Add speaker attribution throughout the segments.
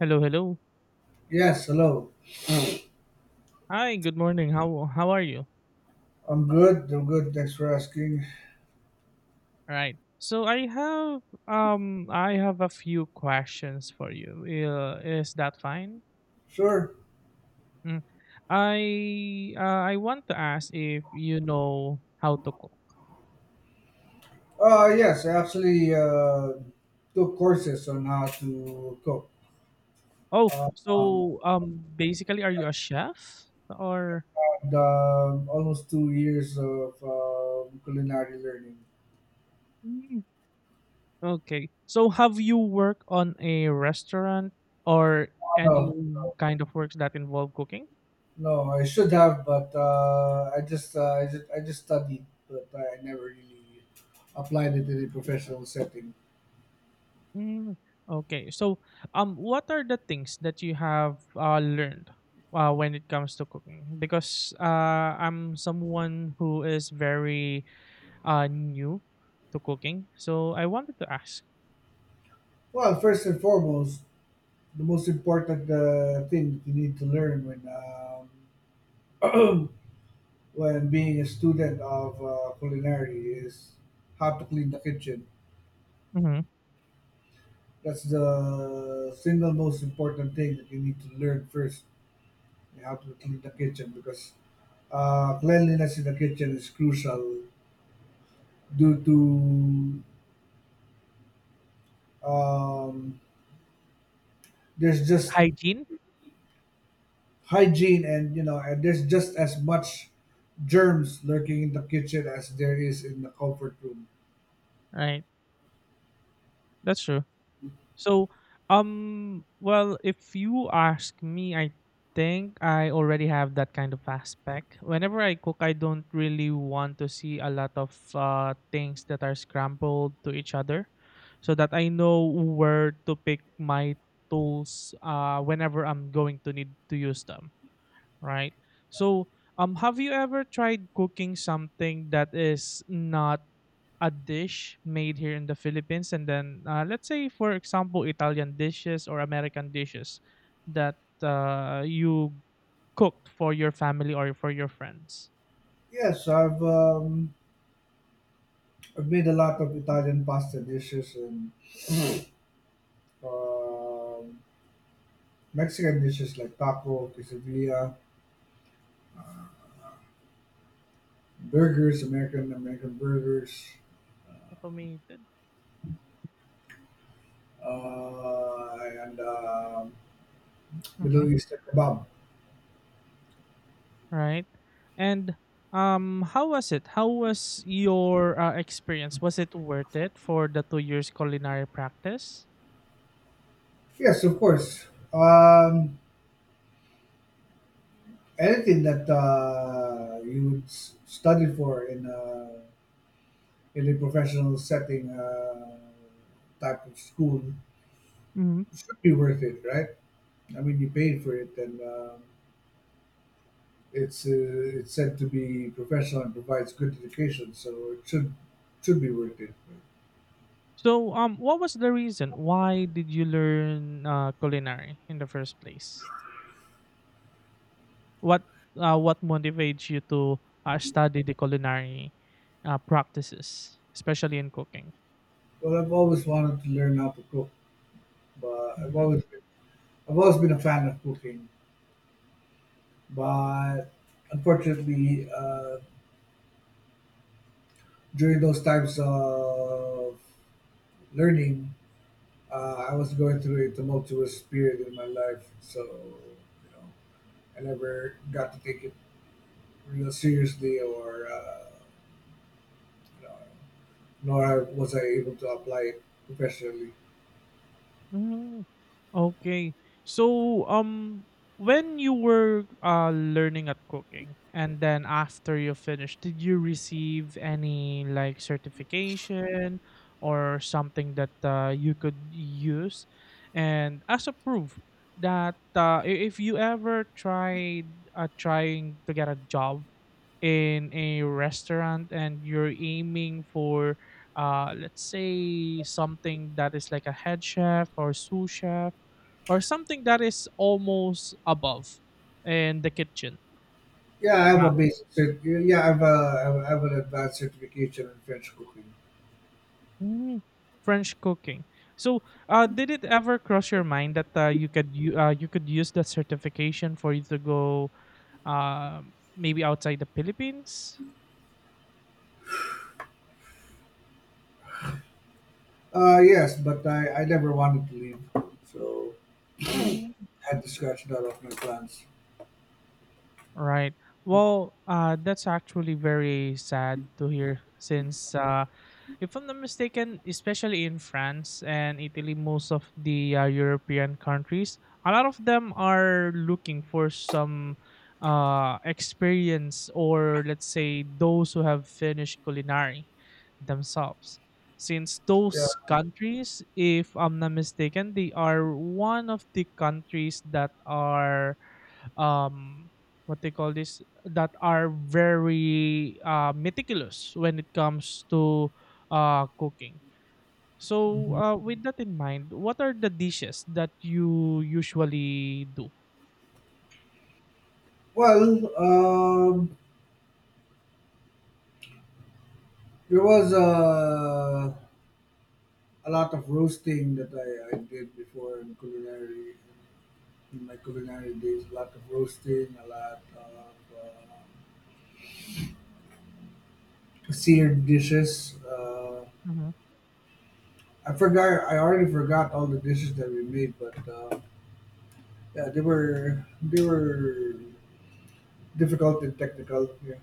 Speaker 1: Hello, hello.
Speaker 2: Yes, hello.
Speaker 1: Hi, good morning. How are you?
Speaker 2: I'm good. I'm good. Thanks for asking.
Speaker 1: All right. So I have a few questions for you. Is that fine?
Speaker 2: Sure.
Speaker 1: Mm. I want to ask if you know how to cook.
Speaker 2: Yes, I actually took courses on how to cook.
Speaker 1: Oh,
Speaker 2: Uh, um,
Speaker 1: so basically are you a chef or
Speaker 2: Almost 2 years of culinary learning.
Speaker 1: Mm, okay. So have you worked on a restaurant or any
Speaker 2: No,
Speaker 1: kind of works that involve cooking?
Speaker 2: no, I should have, but I just, I just studied, but I never really applied it in a professional setting.
Speaker 1: Mm, okay. So, what are the things that you have learned when it comes to cooking? Because I'm someone who is very new to cooking, so I wanted to ask.
Speaker 2: Well, first and foremost, the most important thing that you need to learn when um, when being a student of culinary is how to clean the kitchen.
Speaker 1: Hmm.
Speaker 2: That's the single most important thing that you need to learn first, how to clean the kitchen because cleanliness in the kitchen is crucial due to um, there's just
Speaker 1: Hygiene,
Speaker 2: hygiene, and there's just as much germs lurking in the kitchen as there is in the comfort room.
Speaker 1: right? That's true. So, well, if you ask me, I think I already have that kind of aspect. Whenever I cook, I don't really want to see a lot of things that are scrambled to each other, so that I know where to pick my tools whenever I'm going to need to use them. Right. So, have you ever tried cooking something that is not a dish made here in the Philippines, and then let's say, for example, Italian dishes or American dishes that you cooked for your family or for your friends.
Speaker 2: Yes, I've made a
Speaker 1: Mhm.
Speaker 2: lot of Italian pasta dishes and Um, Mexican dishes like taco, quesadilla, burgers, American burgers,
Speaker 1: Automated.
Speaker 2: and Middle
Speaker 1: Mhm.
Speaker 2: Eastern kebab.
Speaker 1: Right. And how was it? How was your experience? Was it worth it for the 2 years culinary practice?
Speaker 2: Yes, of course. Anything that you would study for in in a professional setting type of school
Speaker 1: Hmm.
Speaker 2: should be worth it, right? I mean, you paid for it, and it's it's said to be professional and provides good education, so it should be worth it.
Speaker 1: So what was the reason why did you learn culinary in the first place? What, what motivates you to, study the culinary, practices, especially in cooking?
Speaker 2: Well, I've always wanted to learn how to cook, but
Speaker 1: Mhm.
Speaker 2: I've always been a fan of cooking. But unfortunately, during those times of learning, I was going through a tumultuous period in my life, so you know, I never got to take it real seriously, or you know, nor was I able to apply it professionally.
Speaker 1: Hmm. Okay. So, when you were learning at cooking, and then after you finished, did you receive any like certification or something that you could use? And as a proof that if you ever tried trying to get a job in a restaurant and you're aiming for let's say something that is like a head chef or sous chef or something that is almost above in the kitchen.
Speaker 2: Yeah, I have a
Speaker 1: Ah,
Speaker 2: basic cert. Yeah, I have I have an advanced certification in French cooking.
Speaker 1: mm, French cooking. So, did it ever cross your mind that you could use that certification for you to go maybe outside the Philippines?
Speaker 2: Yes, but I never wanted to leave, so
Speaker 1: Mm.
Speaker 2: had to scratch that off my plans.
Speaker 1: Right. Well, that's actually very sad to hear since if I'm not mistaken, especially in France and Italy, most of the European countries, a lot of them are looking for some experience or let's say those who have finished culinary themselves. Since
Speaker 2: Yeah.
Speaker 1: those countries, if I'm not mistaken, they are one of the countries that are um what they call this that are very meticulous when it comes to cooking. So
Speaker 2: Mhm.
Speaker 1: with that in mind, what are the dishes that you usually do?
Speaker 2: Well, um, there was a lot of roasting that I did before in culinary, in my culinary days. A lot of roasting, a lot of seared dishes. I forgot. I already forgot all the dishes that we made, but. Yeah, they were difficult and technical. Yeah,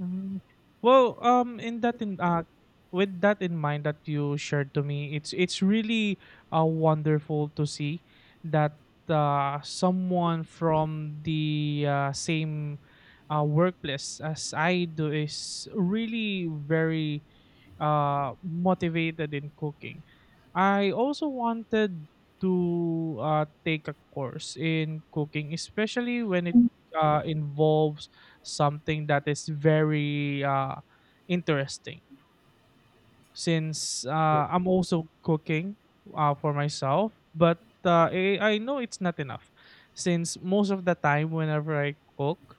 Speaker 1: Mm. Well, in that in with that in mind that you shared to me, it's really wonderful to see that someone from the same workplace as I do is really very motivated in cooking. I also wanted to take a course in cooking, especially when it involves something that is very interesting. Since
Speaker 2: sure.
Speaker 1: I'm also cooking for myself, but I know it's not enough. Since most of the time, whenever I cook,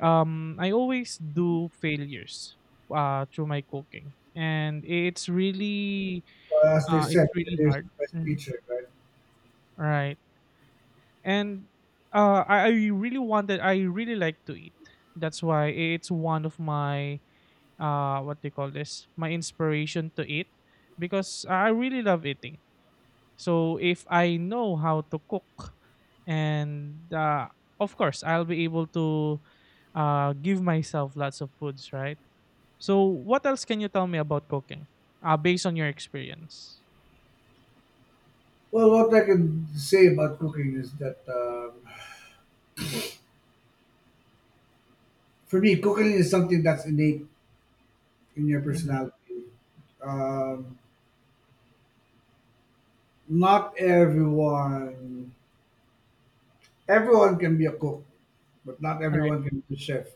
Speaker 1: I always do failures through my cooking, and it's really
Speaker 2: But as they
Speaker 1: uh, it's
Speaker 2: said,
Speaker 1: really
Speaker 2: there's the
Speaker 1: hard.
Speaker 2: best
Speaker 1: Mhm.
Speaker 2: teacher, right?
Speaker 1: Right, and I really wanted. I really like to eat. That's why it's one of my what they call this, my inspiration to eat because I really love eating. So if I know how to cook, and of course I'll be able to give myself lots of foods, right? So, what else can you tell me about cooking, based on your experience?
Speaker 2: Well, what I can say about cooking is that for me, cooking is something that's innate in your
Speaker 1: Mhm,
Speaker 2: personality. Um, Not everyone can be a cook, but not
Speaker 1: alright.
Speaker 2: everyone can be a chef.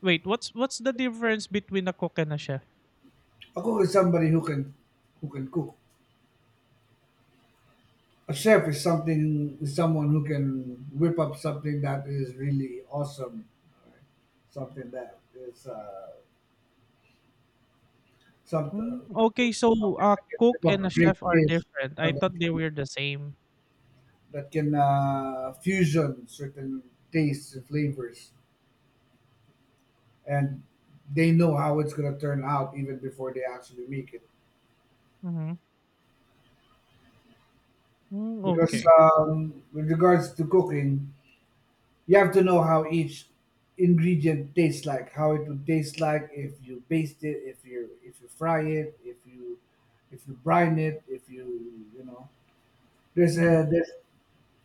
Speaker 1: Wait, what's the difference between a cook and a chef?
Speaker 2: A cook is somebody who can cook. A chef is something is someone who can whip up something that is really awesome, right? Something that is something,
Speaker 1: Mm, okay, so
Speaker 2: something
Speaker 1: a
Speaker 2: that can
Speaker 1: cook
Speaker 2: whip
Speaker 1: and
Speaker 2: up a
Speaker 1: a
Speaker 2: great
Speaker 1: chef are
Speaker 2: dish
Speaker 1: different. I
Speaker 2: that
Speaker 1: thought they were the same.
Speaker 2: that can fusion certain tastes and flavors, and they know how it's going to turn out even before they actually make it.
Speaker 1: Mhm. Mm,
Speaker 2: Because
Speaker 1: okay.
Speaker 2: with regards to cooking, you have to know how each ingredient tastes like, how it would taste like if you baste it, if you fry it, if you brine it, if you you know. There's
Speaker 1: Mhm,
Speaker 2: a there's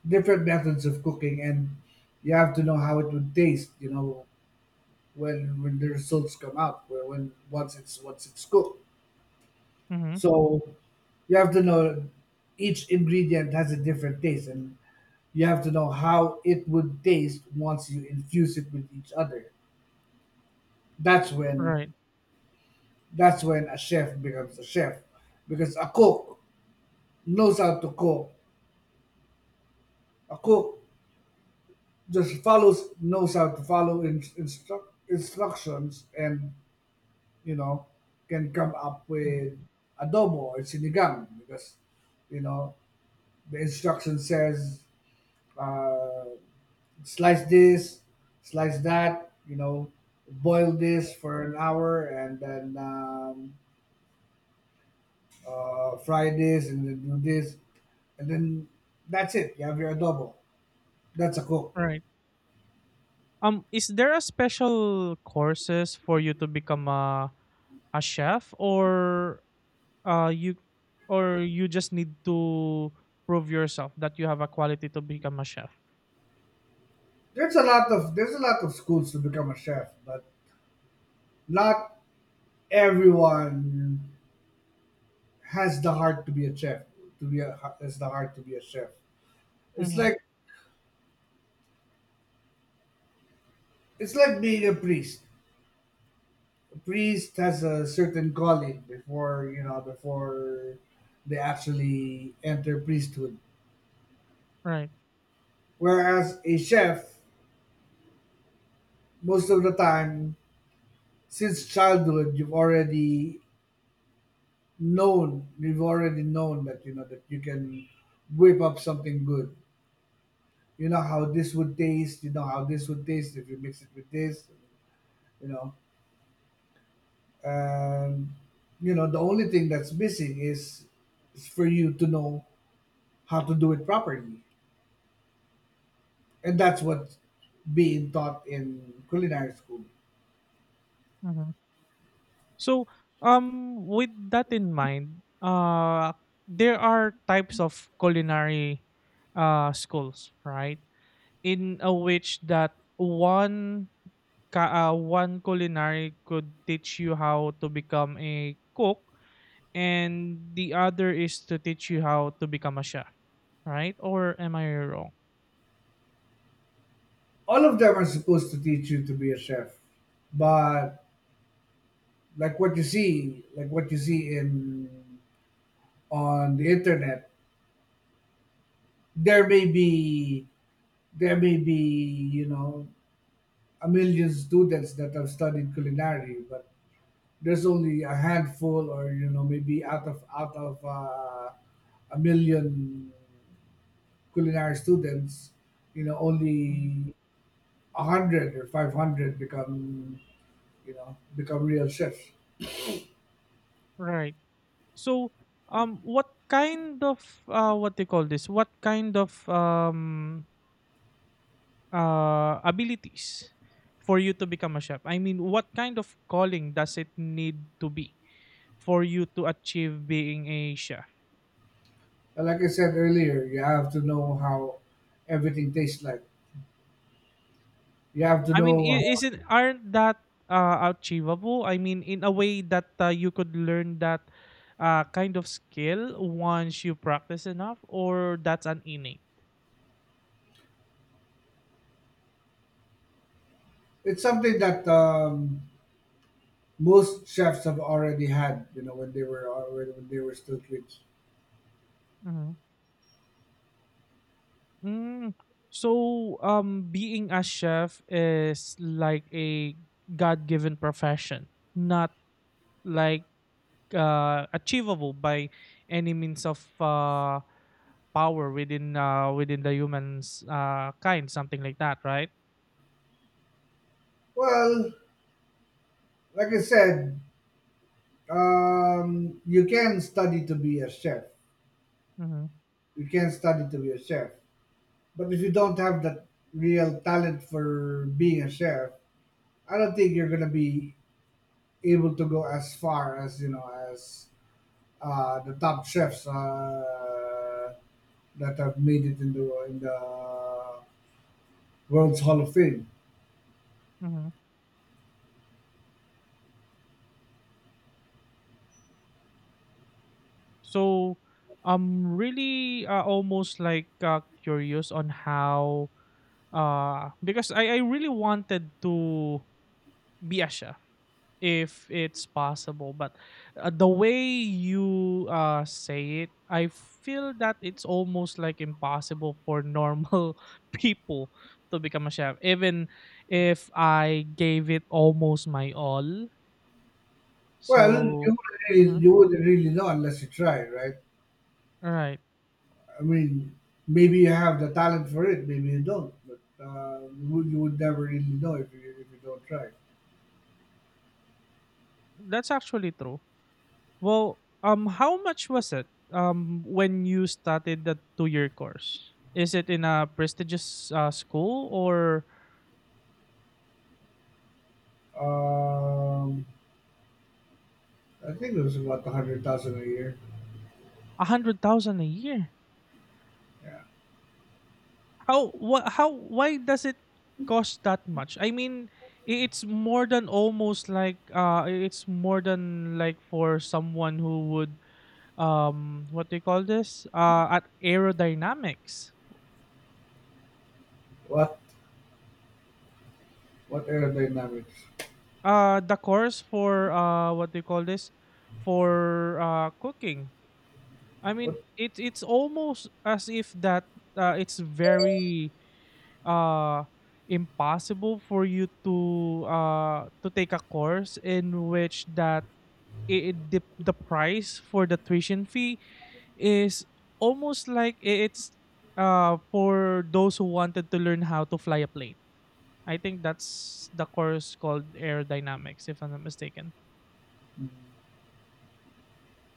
Speaker 2: different methods of cooking, and you have to know how it would taste. You know when the results come out, where when once it's cooked.
Speaker 1: mhm.
Speaker 2: So you have to know each ingredient has a different taste, and you have to know how it would taste once you infuse it with each other. That's
Speaker 1: Right.
Speaker 2: when a chef becomes a chef because a cook knows how to cook. A cook just follows knows how to follow instructions and you know can come up
Speaker 1: Mhm,
Speaker 2: with adobo or sinigang because you know the instruction says uh, slice this, slice that, you know, boil this for an hour and then Fridays and then do this, and then that's it. You have your adobo. That's a cook.
Speaker 1: right. Is there a special courses for you to become a chef, or uh you, or you just need to prove yourself that you have a quality to become a chef?
Speaker 2: There's a lot of schools to become a chef, but not everyone has the heart to be a chef. To be a, has the heart to be a chef. It's like being a priest. A priest has a certain calling before you know before they actually enter priesthood.
Speaker 1: Right.
Speaker 2: Whereas a chef, most of the time, since childhood you've already known that you know that you can whip up something good, you know how this would taste you know how this would taste if you mix it with this, you know, and you know the only thing that's missing is for you to know how to do it properly, and that's what being taught in culinary school.
Speaker 1: Mhm. So, with that in mind, there are types of culinary schools, right? In a which that one culinary could teach you how to become a cook, and the other is to teach you how to become a chef, right? Or am I wrong?
Speaker 2: All of them are supposed to teach you to be a chef, but like what you see, like what you see in on the internet, there may be you know a million students that have studied culinary, but there's only a handful, or you know maybe out of a million culinary students, you know
Speaker 1: Mhm.
Speaker 2: only 100 or 500 become you know become real chefs.
Speaker 1: Right. So, what kind of what they call this? What kind of abilities for you to become a chef? I mean, what kind of calling does it need to be for you to achieve being a chef?
Speaker 2: And like I said earlier, you have to know how everything tastes like. You have to
Speaker 1: I mean,
Speaker 2: know.
Speaker 1: I- isn't aren't that achievable? I mean, in a way that you could learn that kind of skill once you practice enough, or that's an innate.
Speaker 2: It's something that most chefs have already had, you know, when they were already when they were still kids.
Speaker 1: Mhm. Mm. So, being a chef is like a God-given profession, not like achievable by any means of power within the humans kind, something like that, right?
Speaker 2: Well, like I said, you can study to be a chef.
Speaker 1: Mm-hmm.
Speaker 2: You can study to be a chef, but if you don't have that real talent for being a chef, I don't think you're gonna be able to go as far as you know as the top chefs that have made it in the world's Hall of Fame.
Speaker 1: Mm-hmm. So, I'm really almost like curious on how because I really wanted to be a chef if it's possible but the way you say it I feel that it's almost like impossible for normal people to become a chef even if I gave it almost my all
Speaker 2: Well, you
Speaker 1: so.
Speaker 2: would really,
Speaker 1: Mhm,
Speaker 2: you wouldn't really know unless you try, right?
Speaker 1: all right.
Speaker 2: I mean, maybe you have the talent for it, maybe you don't, but you would never really know if you don't try.
Speaker 1: That's actually true. Well, how much was it when you started the 2-year course? Is it in a prestigious school or
Speaker 2: Um, I think it was about 100,000 a year.
Speaker 1: 100,000 a year.
Speaker 2: Yeah.
Speaker 1: How wha how Why does it cost that much? I mean, it's more than like for someone who would what they call this at aerodynamics.
Speaker 2: What aerodynamics?
Speaker 1: The course for what they call this for cooking. I mean,
Speaker 2: What?
Speaker 1: it's almost as if that it's very uh impossible for you to take a course in which that the price for the tuition fee is almost like I- it's for those who wanted to learn how to fly a plane. I think that's the course called aerodynamics, if I'm not mistaken.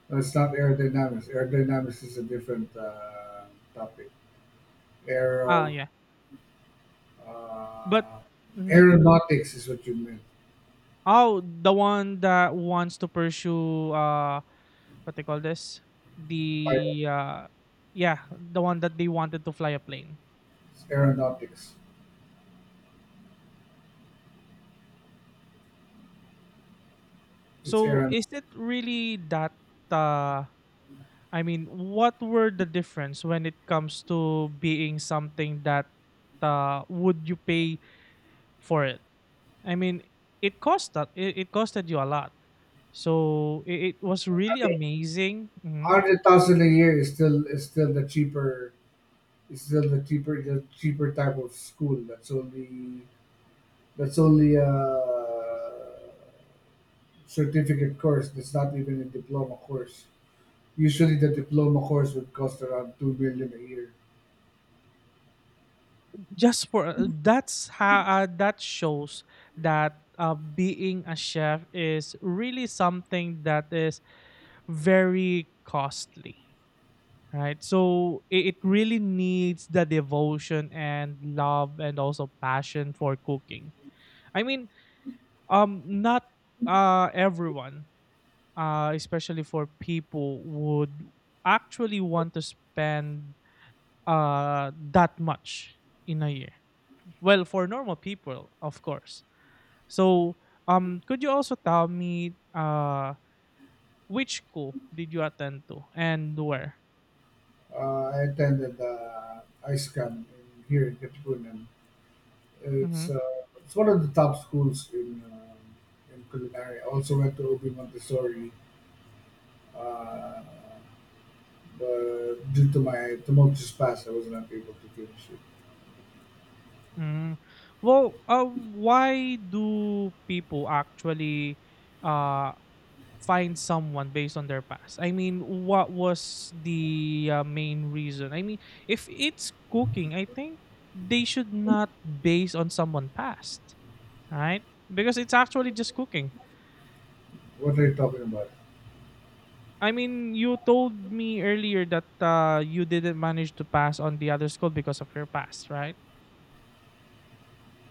Speaker 2: No, it's not aerodynamics. Aerodynamics is a different topic.
Speaker 1: Ah,
Speaker 2: Aero
Speaker 1: yeah. But
Speaker 2: uh,
Speaker 1: mhm.
Speaker 2: aeronautics is what you meant.
Speaker 1: Oh, the one that wants to pursue what they call this
Speaker 2: By-
Speaker 1: the yeah the one that they wanted to fly a plane.
Speaker 2: It's aeronautics. It's
Speaker 1: So
Speaker 2: aeronautics.
Speaker 1: is it really that uh I mean, what were the difference when it comes to being something that would you pay for it? I mean, it costed you a lot. So it was really amazing. Mhm.
Speaker 2: 100,000 a year is still the cheaper is still the cheaper type of school. That's only a certificate course. That's not even a diploma course. Usually, the diploma course would cost around 2 million a year.
Speaker 1: Just for that's how that shows that being a chef is really something that is very costly. Right. So it really needs the devotion and love and also passion for cooking. I mean, not everyone, especially for people would actually want to spend that much in a year. Well, for normal people of course. So could you also tell me which school did you attend to and where?
Speaker 2: I attended ISCAM in, here in Katipunan.
Speaker 1: Mm-hmm.
Speaker 2: It's one of the top schools in culinary. I also went to OB Montessori. Uh, But due to my tumult just passed, I was not able to finish it.
Speaker 1: Mm. Well, why do people actually uh, find someone based on their past? I mean, what was the main reason? I mean, if it's cooking, I think they should not base on someone past, right? Because it's actually just cooking.
Speaker 2: What are you talking about?
Speaker 1: I mean, you told me earlier that you didn't manage to pass on the other school because of your past, right?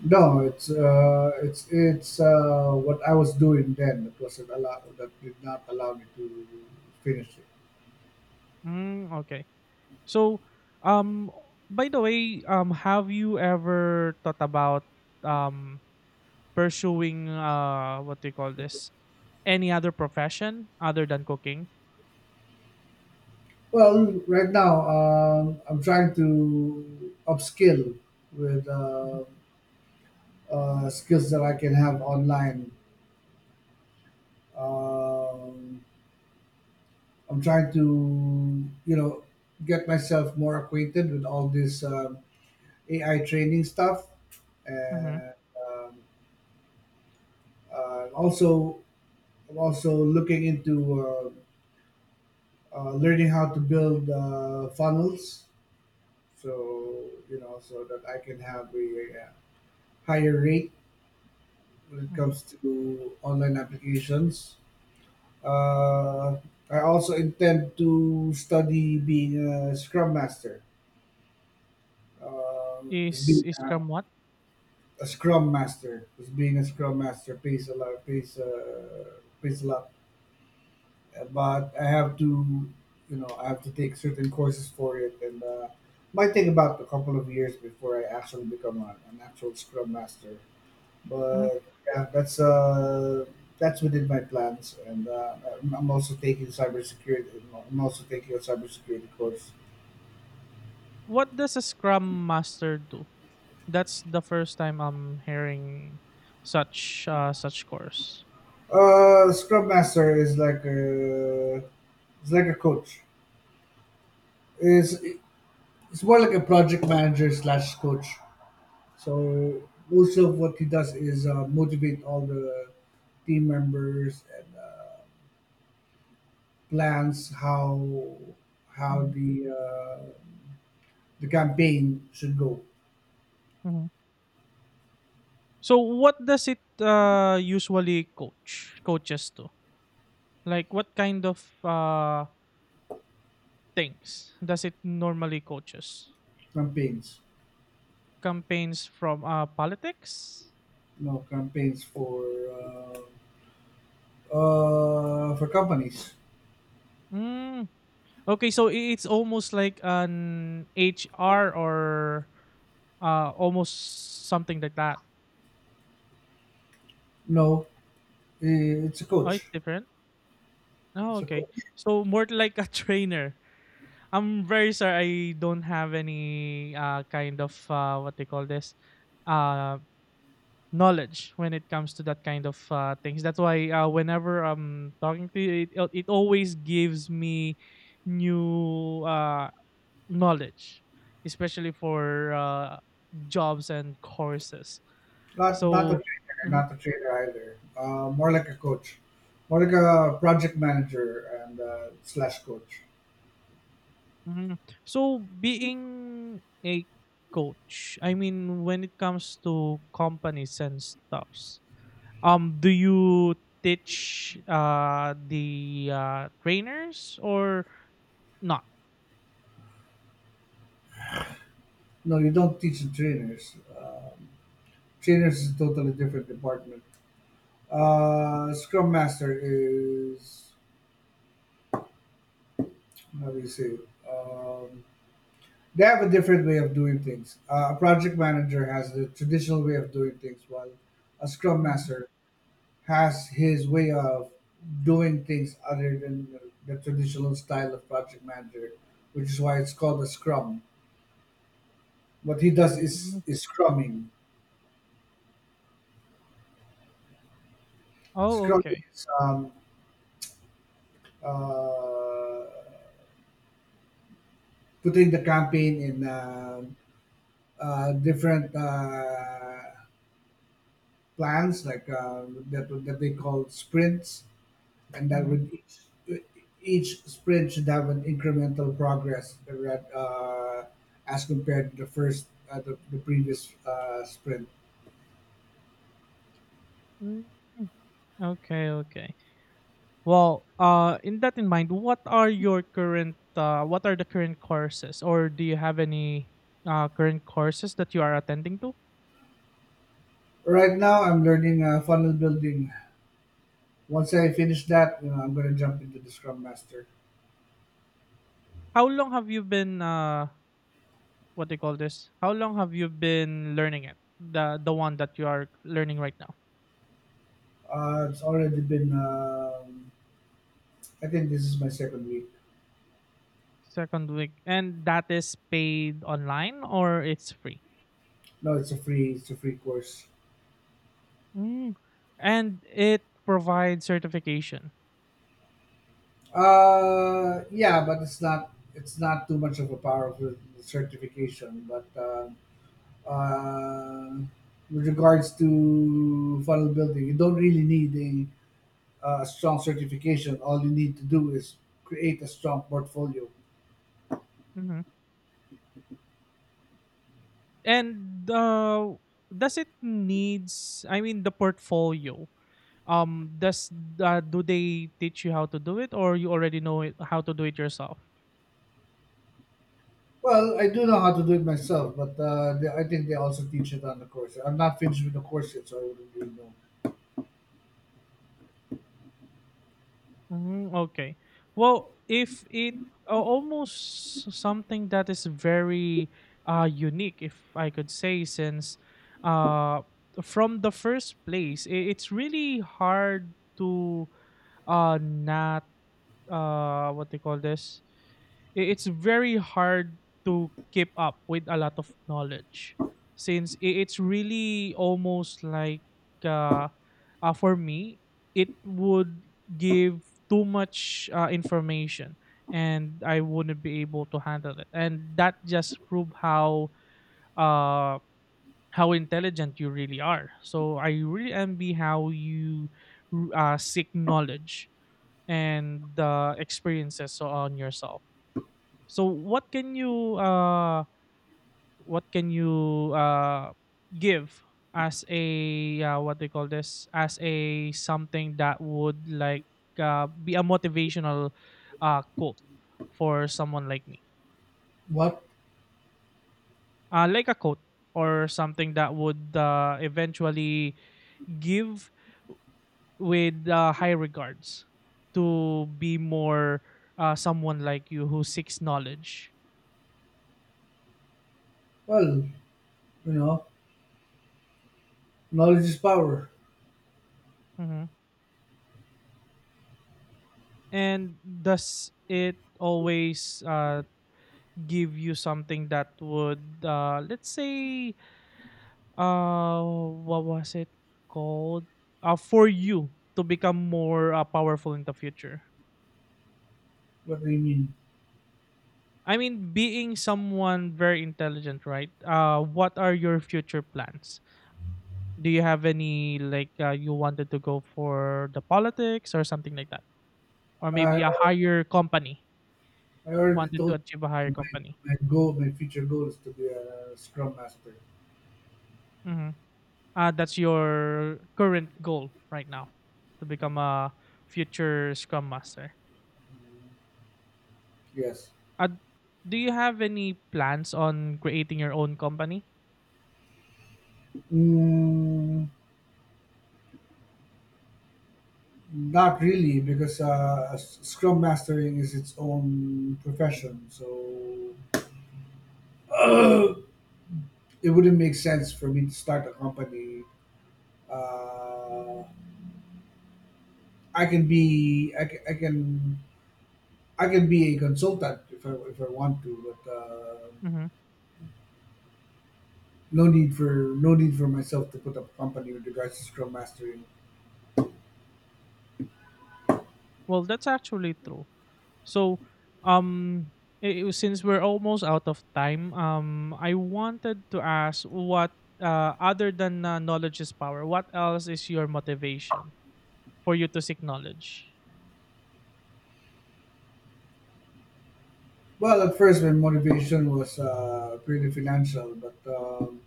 Speaker 2: No, it's what I was doing then that wasn't allow that did not allow me to finish it.
Speaker 1: Mm, okay. So, um, by the way, have you ever thought about um pursuing what do you call this? Any other profession other than cooking?
Speaker 2: Well, right now I'm trying to upskill with
Speaker 1: Mhm,
Speaker 2: skills that I can have online. Um, I'm trying to you know get myself more acquainted with all this AI training stuff
Speaker 1: mhm,
Speaker 2: and um, also I'm also looking into learning how to build funnels, so you know, so that I can have higher rate when it
Speaker 1: mhm.
Speaker 2: comes to online applications. Uh, I also intend to study being a Scrum Master. Uh, just
Speaker 1: Is
Speaker 2: being
Speaker 1: is
Speaker 2: a,
Speaker 1: Scrum what?
Speaker 2: just being a Scrum Master pays a lot, pays a lot, but I have to, you know, I have to take certain courses for it, and might take about a couple of years before I actually become an actual Scrum Master.
Speaker 1: Mhm.
Speaker 2: But yeah, that's within my plans, and I'm also taking cybersecurity. I'm also taking a cybersecurity course.
Speaker 1: What does a Scrum Master do? That's the first time I'm hearing such course.
Speaker 2: Scrum Master is like it's like a coach. It's it's more like a project manager slash coach. So most of what he does is motivate all the team members and plans how how
Speaker 1: Mhm,
Speaker 2: the uh, the campaign should go.
Speaker 1: mhm. So, what does it usually coaches to? Like, what kind of things does it normally coaches?
Speaker 2: Campaigns,
Speaker 1: Campaigns from politics?
Speaker 2: no, campaigns uh, for companies.
Speaker 1: Mm. Okay, so it's almost like an HR or almost something like that.
Speaker 2: No, eh, it's a
Speaker 1: Oh, it's
Speaker 2: coach.
Speaker 1: different. Oh,
Speaker 2: It's a
Speaker 1: okay.
Speaker 2: coach.
Speaker 1: So more like a trainer. I'm very sorry. I don't have any kind of what they call this uh, knowledge when it comes to that kind of things. That's why whenever I'm talking to you, it always gives me new knowledge, especially for jobs and courses.
Speaker 2: Not a
Speaker 1: So,
Speaker 2: trainer.
Speaker 1: mhm,
Speaker 2: Not a trainer either. More like a coach. More like a project manager and slash coach.
Speaker 1: mhm. So being a coach, I mean, when it comes to companies and stuffs, do you teach the trainers or not?
Speaker 2: No, you don't teach the trainers. Trainers is a totally different department. Scrum Master is how do you say? Um, they have a different way of doing things. A project manager has the traditional way of doing things, while a Scrum
Speaker 1: Mhm,
Speaker 2: Master has his way of doing things other than the traditional style of project manager, which is why it's called a Scrum. What he does is
Speaker 1: mhm.
Speaker 2: scrumming.
Speaker 1: Oh,
Speaker 2: Scrumming
Speaker 1: okay.
Speaker 2: is uh, putting the campaign in different plans, like that they call sprints, and that
Speaker 1: Mhm.
Speaker 2: would each sprint should have an incremental progress, right, as compared to the first, the previous sprint.
Speaker 1: Mm, okay, okay. Well, in that in mind, what are the current courses, or do you have any current courses that you are attending to?
Speaker 2: Right now, I'm learning funnel building. Once I finish that, you know, I'm going to jump into the Scrum Master.
Speaker 1: How long have you been what do you call this? How long have you been learning it? The one that you are learning right now.
Speaker 2: It's already been. I think this is my second week.
Speaker 1: Second week. And that is paid online or it's free?
Speaker 2: No, It's a free course.
Speaker 1: Mm. And it provides certification.
Speaker 2: Yeah, but it's not too much of a powerful certification. But uh, with regards to funnel building, you don't really need strong certification. All you need to do is create a strong portfolio.
Speaker 1: Hmm. And does it needs? I mean, the portfolio. Does do they teach you how to do it, or you already know it, how to do it yourself?
Speaker 2: Well, I do know how to do it myself, but I think they also teach it on the course. I'm not finished with the course yet, so I wouldn't really know.
Speaker 1: Mm, okay. Well, if it a- almost something that is very unique, if I could say, since uh from the first place, it's really hard to not what they call this, I- it's very hard to keep up with a lot of knowledge since it's really almost like uh, for me it would give too much information, and I wouldn't be able to handle it, and that just prove uh how intelligent you really are. So I really envy how you seek knowledge and the experiences so on yourself. So what can you give as a what they call this, as a something that would like be a motivational quote for someone like me.
Speaker 2: What?
Speaker 1: Like a quote or something that would eventually give with high regards to be more someone like you who seeks knowledge.
Speaker 2: Well, you know, knowledge is power.
Speaker 1: Mm-hmm. And does it always give you something that would, let's say, what was it called? For you to become more powerful in the future?
Speaker 2: What do you mean?
Speaker 1: I mean, being someone very intelligent, right? What are your future plans? Do you have any, like, you wanted to go for the politics or something like that? Or
Speaker 2: I,
Speaker 1: maybe a higher company,
Speaker 2: I already
Speaker 1: wanted to
Speaker 2: told
Speaker 1: achieve a higher
Speaker 2: you my
Speaker 1: company?
Speaker 2: goal, my future goal is to be a Scrum Master.
Speaker 1: Mm-hmm. That's your current goal right now to become a future Scrum Master.
Speaker 2: Yes.
Speaker 1: Uh, do you have any plans on creating your own company?
Speaker 2: Mm, not really, because Scrum Mastering is its own profession, so it wouldn't make sense for me to start a company. Uh, I can be I can, I can I can be a consultant if I want to, but
Speaker 1: Hmm.
Speaker 2: no need for myself to put up a company with regards to Scrum Mastering.
Speaker 1: Well, that's actually true. So, um, since we're almost out of time, I wanted to ask what, other than knowledge is power, what else is your motivation for you to seek knowledge?
Speaker 2: Well, at first, my motivation was purely financial, but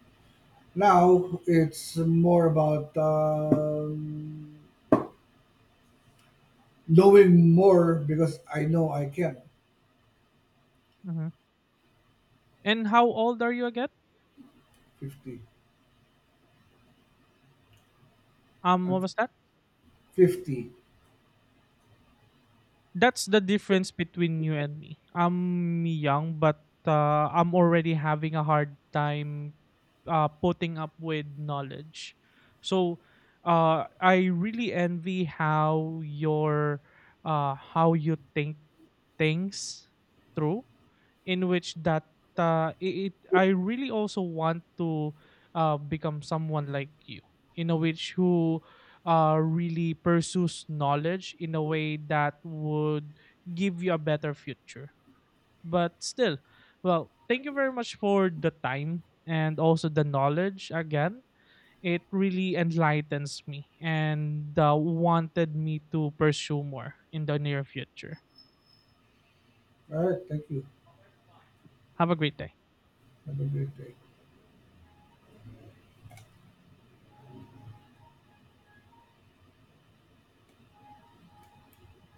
Speaker 2: now it's more about knowing more because I know I can.
Speaker 1: Mhm. And how old are you again?
Speaker 2: 50. I'm
Speaker 1: What was that?
Speaker 2: 50.
Speaker 1: That's the difference between you and me. I'm young, but I'm already having a hard time putting up with knowledge. So I really envy how you think things through in which that, it, it I really also want to become someone like you in a which who really pursues knowledge in a way that would give you a better future. But still, well, thank you very much for the time and also the knowledge again. It really enlightens me and wanted me to pursue more in the near future.
Speaker 2: All right. Thank you.
Speaker 1: Have a great day.
Speaker 2: Have a great day.